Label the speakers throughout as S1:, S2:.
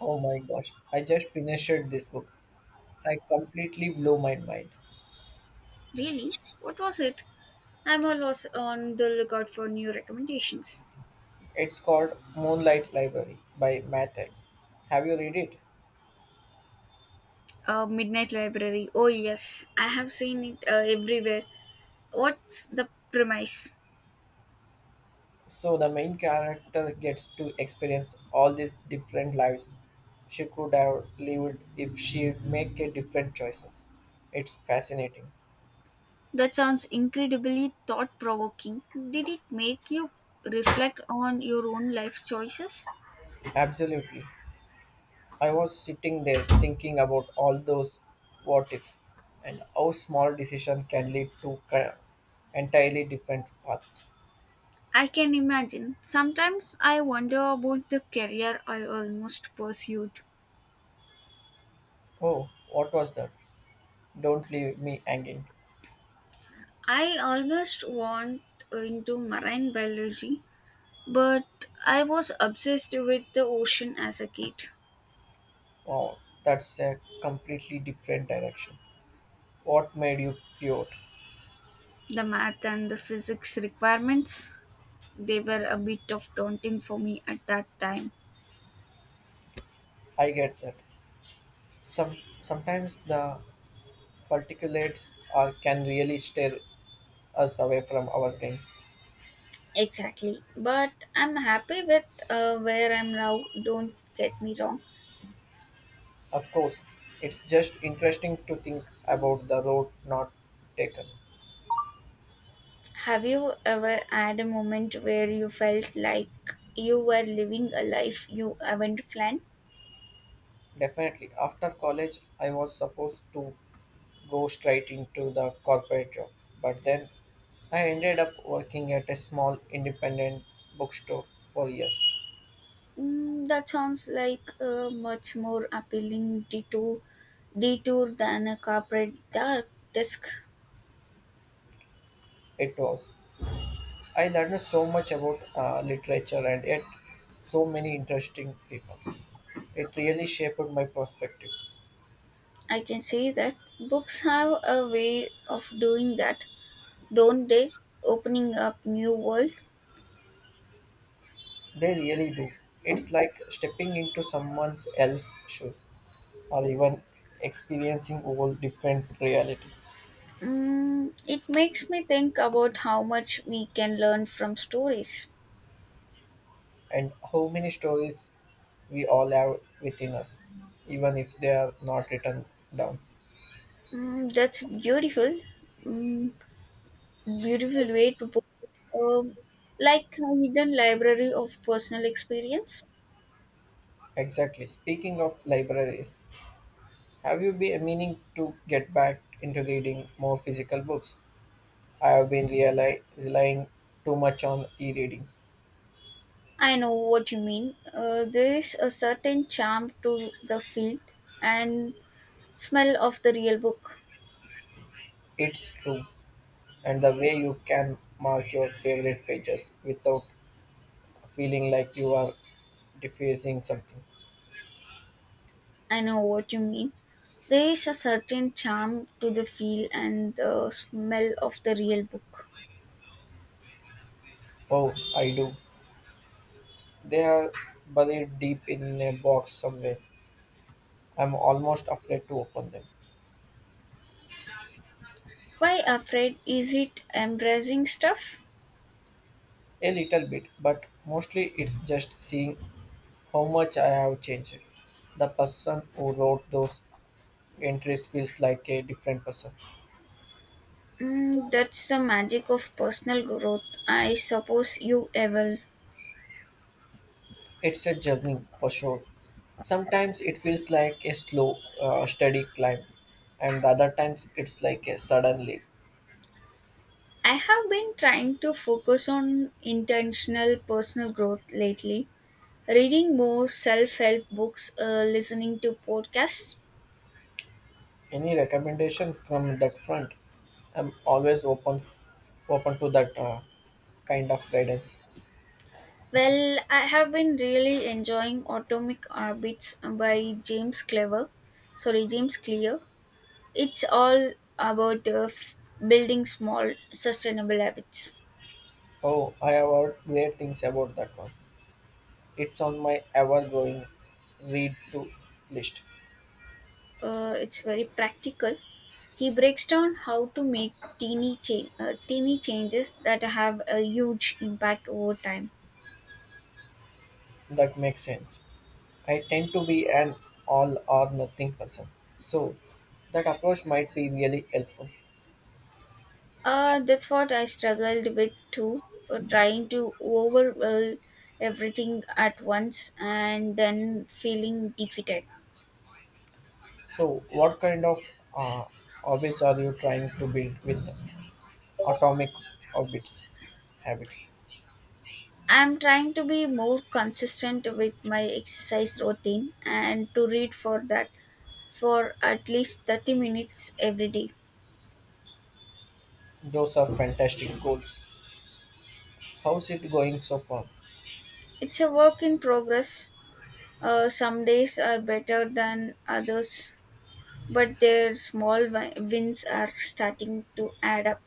S1: Oh my gosh, I just finished this book. I completely blew my mind.
S2: Really? What was it? I'm always on the lookout for new recommendations.
S1: It's called Moonlight Library by Matt Haig. Have you read it?
S2: Midnight Library. Oh, yes. I have seen it everywhere. What's the premise?
S1: So the main character gets to experience all these different lives she could have lived if she make a different choices. It's fascinating.
S2: That sounds incredibly thought provoking. Did it make you reflect on your own life choices?
S1: Absolutely. I was sitting there thinking about all those what ifs and how small decision can lead to entirely different paths.
S2: I can imagine. Sometimes I wonder about the career I almost pursued.
S1: Oh, what was that? Don't leave me hanging.
S2: I almost want into marine biology, but I was obsessed with the ocean as a kid.
S1: Wow, that's a completely different direction. What made you pivot?
S2: The math and the physics requirements, they were a bit of daunting for me at that time.
S1: I get that. Sometimes the particulates are can really steer us away from our aim.
S2: Exactly. But I'm happy with where I'm now, don't get me wrong.
S1: Of course, it's just interesting to think about the road not taken.
S2: Have you ever had a moment where you felt like you were living a life you haven't planned?
S1: Definitely, after college, I was supposed to go straight into the corporate job. But then I ended up working at a small independent bookstore for years.
S2: Mm, that sounds like a much more appealing detour than a corporate dark disk.
S1: It was. I learned so much about literature and yet so many interesting people. It really shaped my perspective.
S2: I can say that books have a way of doing that, don't they? Opening up new world.
S1: They really do. It's like stepping into someone else's shoes or even experiencing all different reality.
S2: Mm, it makes me think about how much we can learn from stories.
S1: And how many stories we all have within us, even if they are not written down.
S2: Mm, that's beautiful. Mm, beautiful way to put it. Like a hidden library of personal experience.
S1: Exactly. Speaking of libraries, have you been meaning to get back into reading more physical books? I have been relying too much on e reading.
S2: I know what you mean. There is a certain charm to the field and smell of the real book.
S1: It's true, and the way you can mark your favorite pages without feeling like you are defacing something.
S2: I know what you mean. There is a certain charm to the feel and the smell of the real book.
S1: Oh, I do. They are buried deep in a box somewhere. I'm almost afraid to open them.
S2: Why afraid? Is it embracing stuff?
S1: A little bit, but mostly it's just seeing how much I have changed. The person who wrote those entries feels like a different person.
S2: Mm, that's the magic of personal growth. I suppose you ever.
S1: It's a journey for sure. Sometimes it feels like a slow, steady climb, and the other times it's like a sudden leap.
S2: I have been trying to focus on intentional personal growth lately, reading more self help books, listening to podcasts.
S1: Any recommendation from that front? I'm always open, open to that kind of guidance.
S2: Well, I have been really enjoying Atomic Orbits by James Clever. Sorry, James Clear. It's all about building small, sustainable habits.
S1: Oh, I have heard great things about that one. It's on my ever growing read to list.
S2: It's very practical. He breaks down how to make teeny changes that have a huge impact over time.
S1: That makes sense. I tend to be an all or nothing person. So that approach might be really helpful.
S2: That's what I struggled with too, trying to overwhelm everything at once and then feeling defeated.
S1: So what kind of uh, hobbies are you trying to build with atomic orbits habits?
S2: I'm trying to be more consistent with my exercise routine and to read for at least 30 minutes every day.
S1: Those are fantastic goals. How's it going so far?
S2: It's a work in progress. Some days are better than others, but their small wins are starting to add up.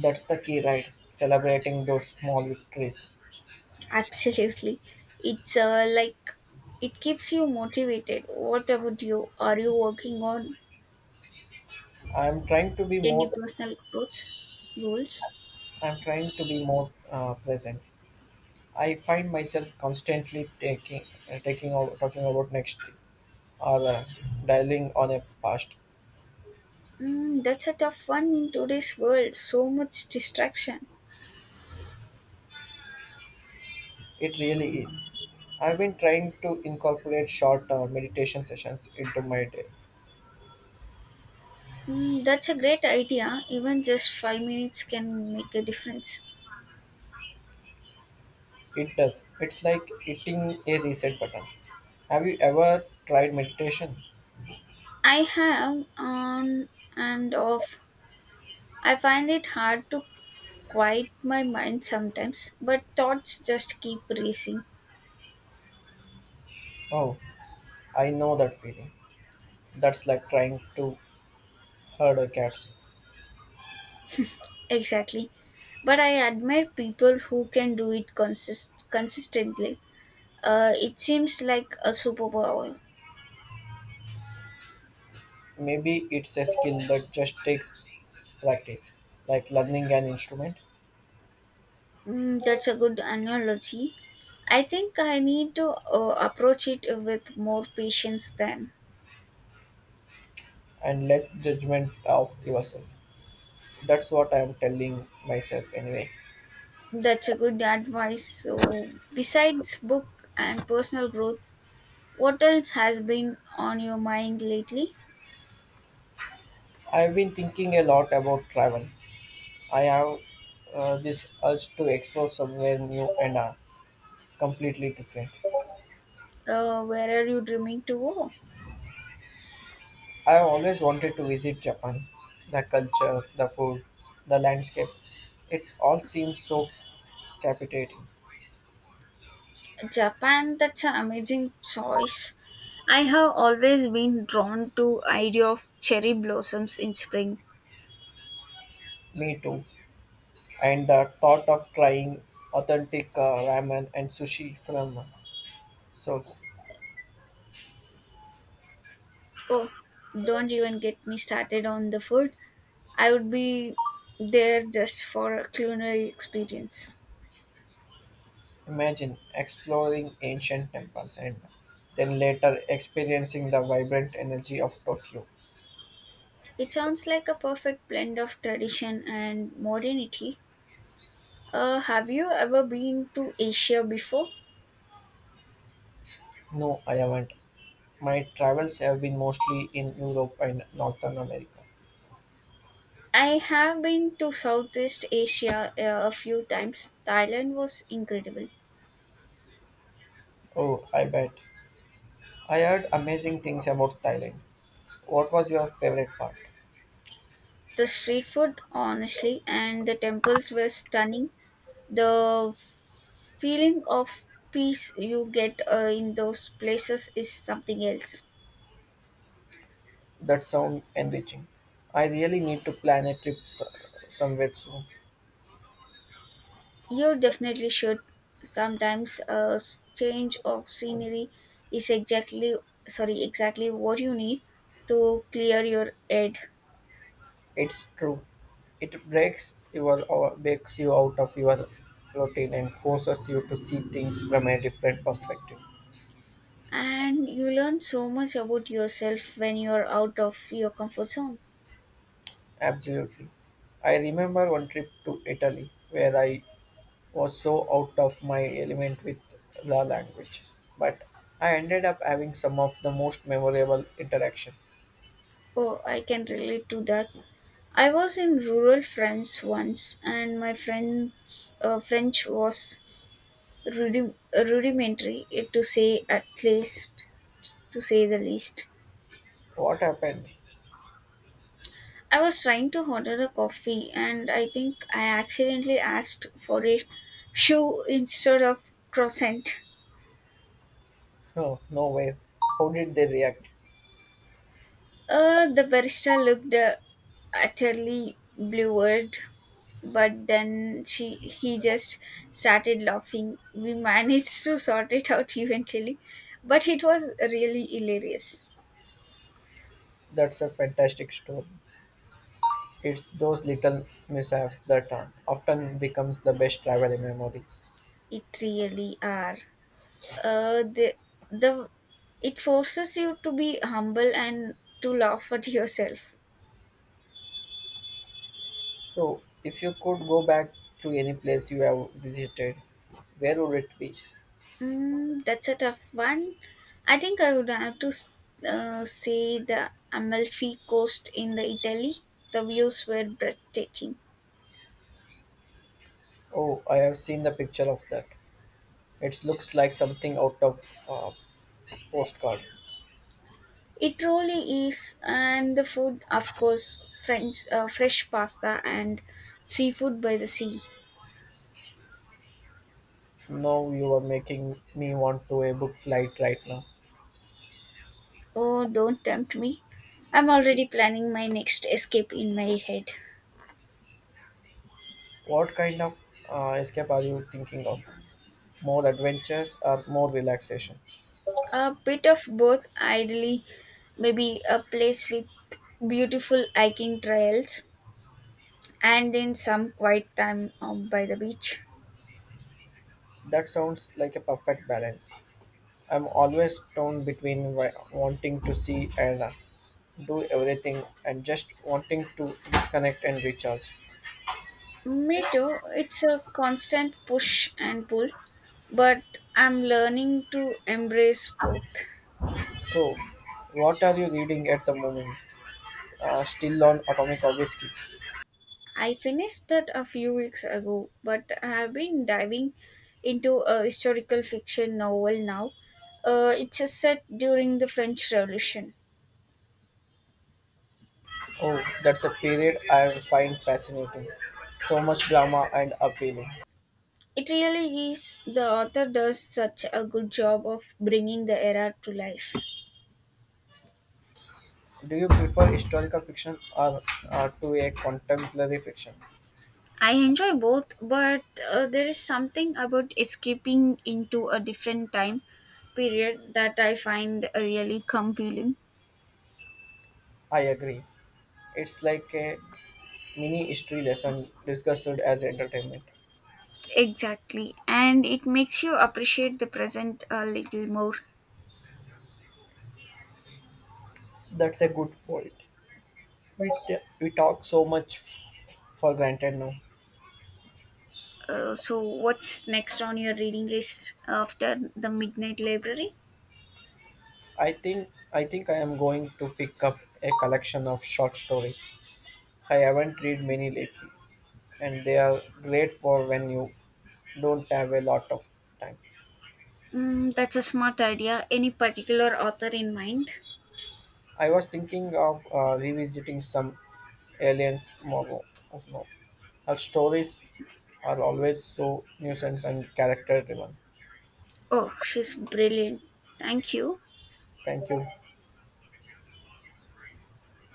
S1: That's the key, right? Celebrating those small victories.
S2: Absolutely. It's like it keeps you motivated. What about you? Are you working on
S1: I'm trying to be
S2: any
S1: more.
S2: personal growth goals?
S1: I'm trying to be more present. I find myself constantly taking taking over, talking about next thing or dialing on a past.
S2: Mm, that's a tough one in today's world. So much distraction.
S1: It really is. I've been trying to incorporate short meditation sessions into my day.
S2: Mm, that's a great idea. Even just 5 minutes can make a difference.
S1: It does. It's like hitting a reset button. Have you ever tried meditation?
S2: I have on and off. I find it hard to quiet my mind sometimes, but thoughts just keep racing.
S1: Oh, I know that feeling. That's like trying to herd a cat.
S2: Exactly. But I admire people who can do it consistently. It seems like a superpower.
S1: Maybe it's a skill that just takes practice, like learning an instrument.
S2: Mm, that's a good analogy. I think I need to approach it with more patience then.
S1: And less judgment of yourself. That's what I'm telling myself anyway.
S2: That's a good advice. So, besides book and personal growth, what else has been on your mind lately?
S1: I've been thinking a lot about travel. I have this urge to explore somewhere new and completely different.
S2: Where are you dreaming to go?
S1: I have always wanted to visit Japan. The culture, the food, the landscape. It all seems so captivating.
S2: Japan, that's an amazing choice. I have always been drawn to idea of cherry blossoms in spring.
S1: Me too. And the thought of trying authentic ramen and sushi from Seoul.
S2: Oh, don't even get me started on the food. I would be there just for a culinary experience.
S1: Imagine exploring ancient temples and then later experiencing the vibrant energy of Tokyo.
S2: It sounds like a perfect blend of tradition and modernity. Have you ever been to Asia before?
S1: No, I haven't. My travels have been mostly in Europe and Northern America.
S2: I have been to Southeast Asia a few times. Thailand was incredible.
S1: Oh, I bet. I heard amazing things about Thailand. What was your favorite part?
S2: The street food, honestly, and the temples were stunning. The feeling of peace you get in those places is something else.
S1: That sound enriching. I really need to plan a trip somewhere soon.
S2: You definitely should. Sometimes a change of scenery is exactly what you need to clear your head.
S1: It's true. It breaks your or breaks you out of your routine and forces you to see things from a different perspective.
S2: And you learn so much about yourself when you're out of your comfort zone.
S1: Absolutely. I remember one trip to Italy where I was so out of my element with the language, but I ended up having some of the most memorable interaction.
S2: Oh, I can relate to that. I was in rural France once, and my friend's French was rudimentary, eh, to say the least.
S1: What happened?
S2: I was trying to order a coffee and I think I accidentally asked for a shoe instead of croissant.
S1: Oh, no way. How did they react?
S2: The barista looked utterly bewildered, but then she he just started laughing. We managed to sort it out eventually, but it was really hilarious.
S1: That's a fantastic story. It's those little mishaps that often becomes the best travel memories.
S2: It really are. Uh, the the it forces you to be humble and to laugh at yourself.
S1: So, if you could go back to any place you have visited, where would it be?
S2: Mm, that's a tough one. I think I would have to say the Amalfi Coast in the Italy. The views were breathtaking.
S1: Oh, I have seen the picture of that. It looks like something out of a postcard.
S2: It really is, and the food, of course, French fresh pasta and seafood by the sea.
S1: Now you are making me want to a book flight right now.
S2: Oh, don't tempt me. I'm already planning my next escape in my head.
S1: What kind of escape are you thinking of? More adventures or more relaxation?
S2: A bit of both, ideally, maybe a place with beautiful hiking trails and then some quiet time out by the beach.
S1: That sounds like a perfect balance. I'm always torn between wanting to see and do everything and just wanting to disconnect and recharge.
S2: Me too. It's a constant push and pull, but I'm learning to embrace both.
S1: So, what are you reading at the moment? Still on Atomic Obelisk.
S2: I finished that a few weeks ago, but I have been diving into a historical fiction novel now. It's a set during the French Revolution.
S1: Oh, that's a period I find fascinating. So much drama and appealing.
S2: It really is. The author does such a good job of bringing the era to life.
S1: Do you prefer historical fiction or to a contemporary fiction?
S2: I enjoy both, but there is something about escaping into a different time period that I find really compelling.
S1: I agree. It's like a mini history lesson discussed as entertainment.
S2: Exactly, and it makes you appreciate the present a little more.
S1: That's a good point. We talk so much for granted now.
S2: So, what's next on your reading list after the Midnight Library?
S1: I think I am going to pick up a collection of short stories. I haven't read many lately and they are great for when you don't have a lot of time.
S2: Mm, that's a smart idea. Any particular author in mind?
S1: I was thinking of revisiting some aliens tomorrow. No, her stories are always so nuisance and character driven.
S2: Oh, she's brilliant. Thank you.
S1: Thank you.